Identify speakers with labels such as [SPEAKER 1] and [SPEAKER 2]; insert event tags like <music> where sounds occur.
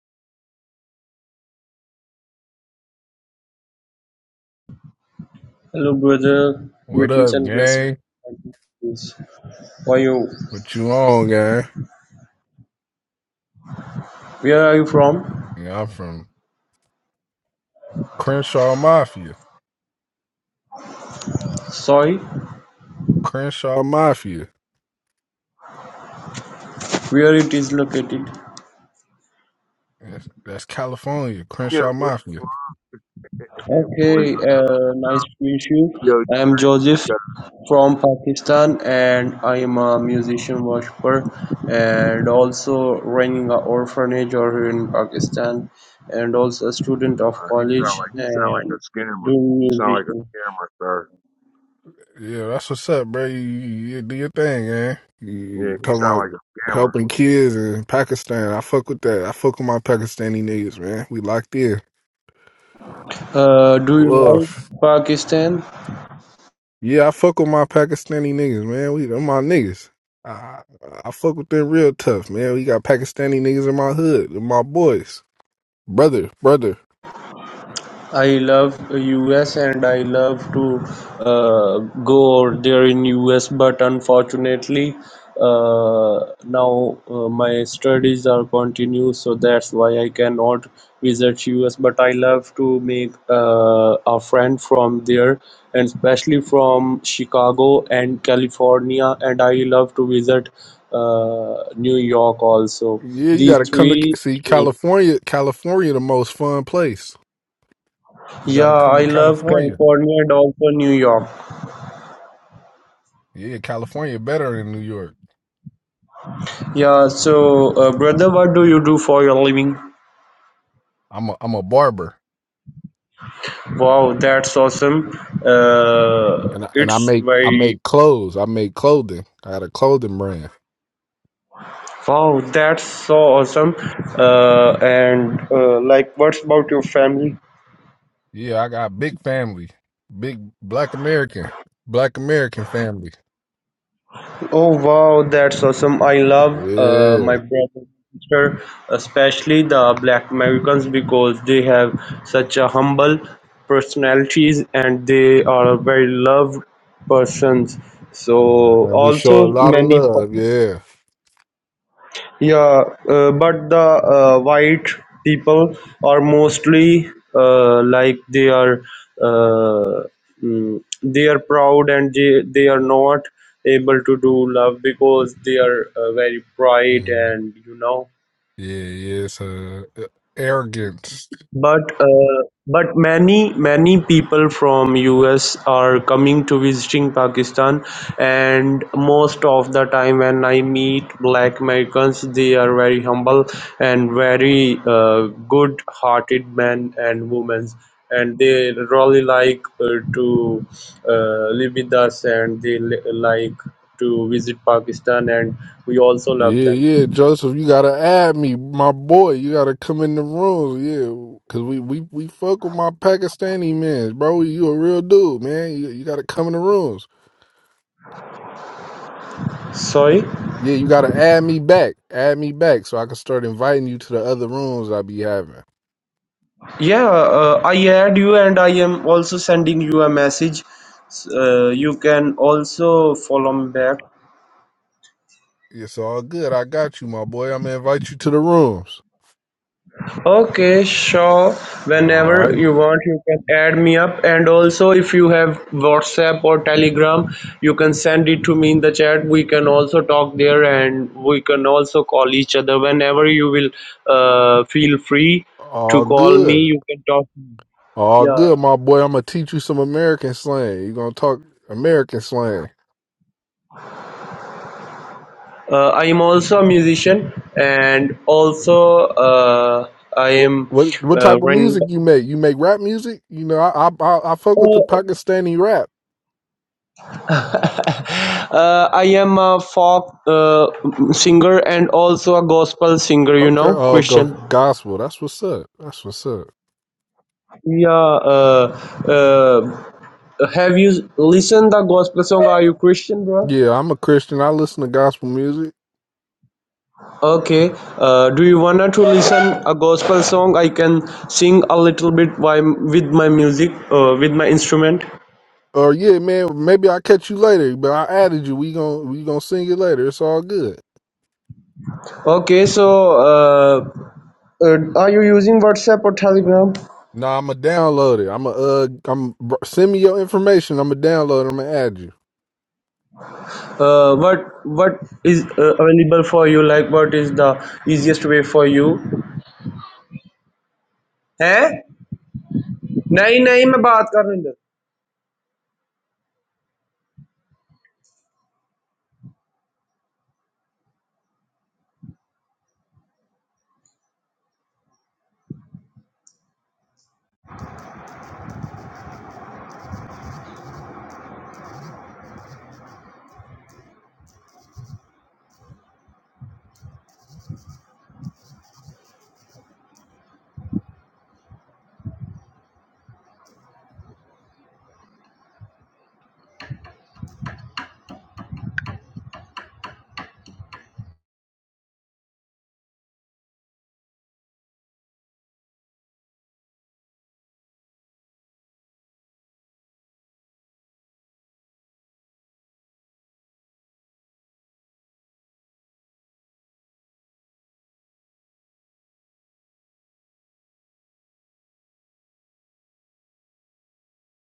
[SPEAKER 1] Hello, brother.
[SPEAKER 2] What
[SPEAKER 1] Greetings
[SPEAKER 2] up,
[SPEAKER 1] and
[SPEAKER 2] gang?
[SPEAKER 1] blessings. Why you?
[SPEAKER 2] What you on, gang?
[SPEAKER 1] Where are you from?
[SPEAKER 2] Yeah, I'm from Crenshaw Mafia.
[SPEAKER 1] Sorry,
[SPEAKER 2] Crenshaw Mafia.
[SPEAKER 1] where it is located?
[SPEAKER 2] That's, that's California.
[SPEAKER 3] Yeah,
[SPEAKER 2] Crenshaw
[SPEAKER 3] what
[SPEAKER 2] Mafia.
[SPEAKER 3] the fuck? Hey, boy.
[SPEAKER 1] Okay, uh, nice to meet you.
[SPEAKER 3] Yo, he,
[SPEAKER 1] I am Joseph
[SPEAKER 3] got,
[SPEAKER 1] from Pakistan, and I am a musician worshiper, and also running an orphanage over here in Pakistan, and also a student of
[SPEAKER 3] uh, he sound
[SPEAKER 1] college
[SPEAKER 3] like he sound like
[SPEAKER 1] and
[SPEAKER 3] a scammer.
[SPEAKER 1] doing
[SPEAKER 3] He sound like a
[SPEAKER 1] musician.
[SPEAKER 3] scammer, sir.
[SPEAKER 2] Yeah, that's what's up, bro. You, you- you do your thing, gang.
[SPEAKER 3] Yeah,
[SPEAKER 2] You
[SPEAKER 3] he
[SPEAKER 2] talking
[SPEAKER 3] sound
[SPEAKER 2] about
[SPEAKER 3] like a scammer.
[SPEAKER 2] helping kids in Pakistan. I fuck with that. I fuck with my Pakistani niggas, man. We locked in.
[SPEAKER 1] Uh, do you like
[SPEAKER 2] Love.
[SPEAKER 1] Pakistan?
[SPEAKER 2] Yeah, I fuck with my Pakistani niggas, man. We them my niggas. I, I fuck with them real tough, man. We got Pakistani niggas in my hood. They're my boys. brother, brother.
[SPEAKER 1] I love US and I love to uh, go there in US, but unfortunately, uh, now uh, my studies are continue, so that's why I cannot visit US. But I love to make uh, a friend from there, and especially from Chicago and California, and I love to visit uh, New York also.
[SPEAKER 2] Yeah, you
[SPEAKER 1] These
[SPEAKER 2] gotta come to
[SPEAKER 1] three.
[SPEAKER 2] see
[SPEAKER 1] states.
[SPEAKER 2] California. California, the most fun place. You
[SPEAKER 1] Yeah,
[SPEAKER 2] gotta come to
[SPEAKER 1] I love
[SPEAKER 2] California.
[SPEAKER 1] California and also New York.
[SPEAKER 2] Yeah, California better than New York.
[SPEAKER 1] Yeah, so uh, brother, what do you do for your living?
[SPEAKER 2] I'm a I'm a barber,
[SPEAKER 1] Wow, that's awesome. Uh,
[SPEAKER 2] and I, and I
[SPEAKER 1] it's
[SPEAKER 2] make I
[SPEAKER 1] very
[SPEAKER 2] make clothes. I make clothing. I got a clothing brand.
[SPEAKER 1] wow, that's so awesome. Uh, and uh, like, what's about your family?
[SPEAKER 2] Yeah, I got big family, big Black American, Black American family.
[SPEAKER 1] Oh wow, that's awesome. I love uh, my
[SPEAKER 2] Yeah,
[SPEAKER 1] brother and sister, especially the black Americans because they have such a humble personalities and they are very loved persons.
[SPEAKER 2] uh,
[SPEAKER 1] So
[SPEAKER 2] and we show a
[SPEAKER 1] also
[SPEAKER 2] lot of
[SPEAKER 1] many
[SPEAKER 2] love. Yeah,
[SPEAKER 1] Yeah, uh, but the uh, white people are mostly uh, like they are uh, mm, they are proud and they, they are not able to do love because they are uh, very bright
[SPEAKER 2] Mhm.
[SPEAKER 1] and you know
[SPEAKER 2] yeah, yeah. It's uh, arrogance.
[SPEAKER 1] But uh, but many many people from US are coming to visiting Pakistan, and most of the time when I meet Black Americans, they are very humble and very uh, good-hearted men and women, and they really like uh, to uh, live with us, and they li- like to visit Pakistan, and we also love
[SPEAKER 2] Yeah,
[SPEAKER 1] them.
[SPEAKER 2] yeah, Joseph, you gotta add me, my boy. You gotta come in the room, yeah, cause we we we fuck with my Pakistani man, bro. You a real dude, man. You you gotta come in the rooms.
[SPEAKER 1] Sorry.
[SPEAKER 2] Yeah, you gotta add me back, add me back, so I can start inviting you to the other rooms I be having.
[SPEAKER 1] Yeah, uh, I add you and I am also sending you a message. S- Uh, you can also follow me back.
[SPEAKER 2] Yeah, It's all good. I got you, my boy. I'm gonna invite you to the rooms.
[SPEAKER 1] Okay, sure.
[SPEAKER 2] All
[SPEAKER 1] Whenever
[SPEAKER 2] right,
[SPEAKER 1] you want, you can add me up. And also, if you have WhatsApp or Telegram, you can send it to me in the chat. We can also talk there and we can also call each other whenever you will uh, feel free to
[SPEAKER 2] all
[SPEAKER 1] call me.
[SPEAKER 2] good,
[SPEAKER 1] You can talk.
[SPEAKER 2] all
[SPEAKER 1] Yeah.
[SPEAKER 2] good, my boy. I'm gonna teach you some American slang. You gonna talk American slang.
[SPEAKER 1] Uh, I am also a musician, and also uh, I
[SPEAKER 2] What
[SPEAKER 1] am
[SPEAKER 2] what what
[SPEAKER 1] uh,
[SPEAKER 2] type of
[SPEAKER 1] run.
[SPEAKER 2] music you make? You make rap music? You know, I I I, I fuck with the
[SPEAKER 1] <laughs>
[SPEAKER 2] Pakistani rap.
[SPEAKER 1] uh, I am a folk uh, singer and also a gospel singer. You
[SPEAKER 2] Okay,
[SPEAKER 1] know,
[SPEAKER 2] oh go
[SPEAKER 1] Christian.
[SPEAKER 2] gospel. That's what's up. That's what's up.
[SPEAKER 1] Yeah. Uh, uh, have you listened the gospel song? Are you Christian, bro?
[SPEAKER 2] Yeah, I'm a Christian. I listen to gospel music.
[SPEAKER 1] Okay. Uh, do you wanna to listen a gospel song? I can sing a little bit by, with my music, uh, with my instrument.
[SPEAKER 2] Or yeah, man, maybe I'll catch you later, but I added you. We gon' we gonna sing it later. It's all good.
[SPEAKER 1] Okay, so uh, Uh, are you using WhatsApp or Telegram?
[SPEAKER 2] Nah, I'ma download it. I'ma uh I'm br- send me your information. I'ma download it. I'ma add you.
[SPEAKER 1] uh, what what is uh, available for you? Like, what is the easiest way for you? है नहीं नहीं मैं बात कर रहा हूँ इधर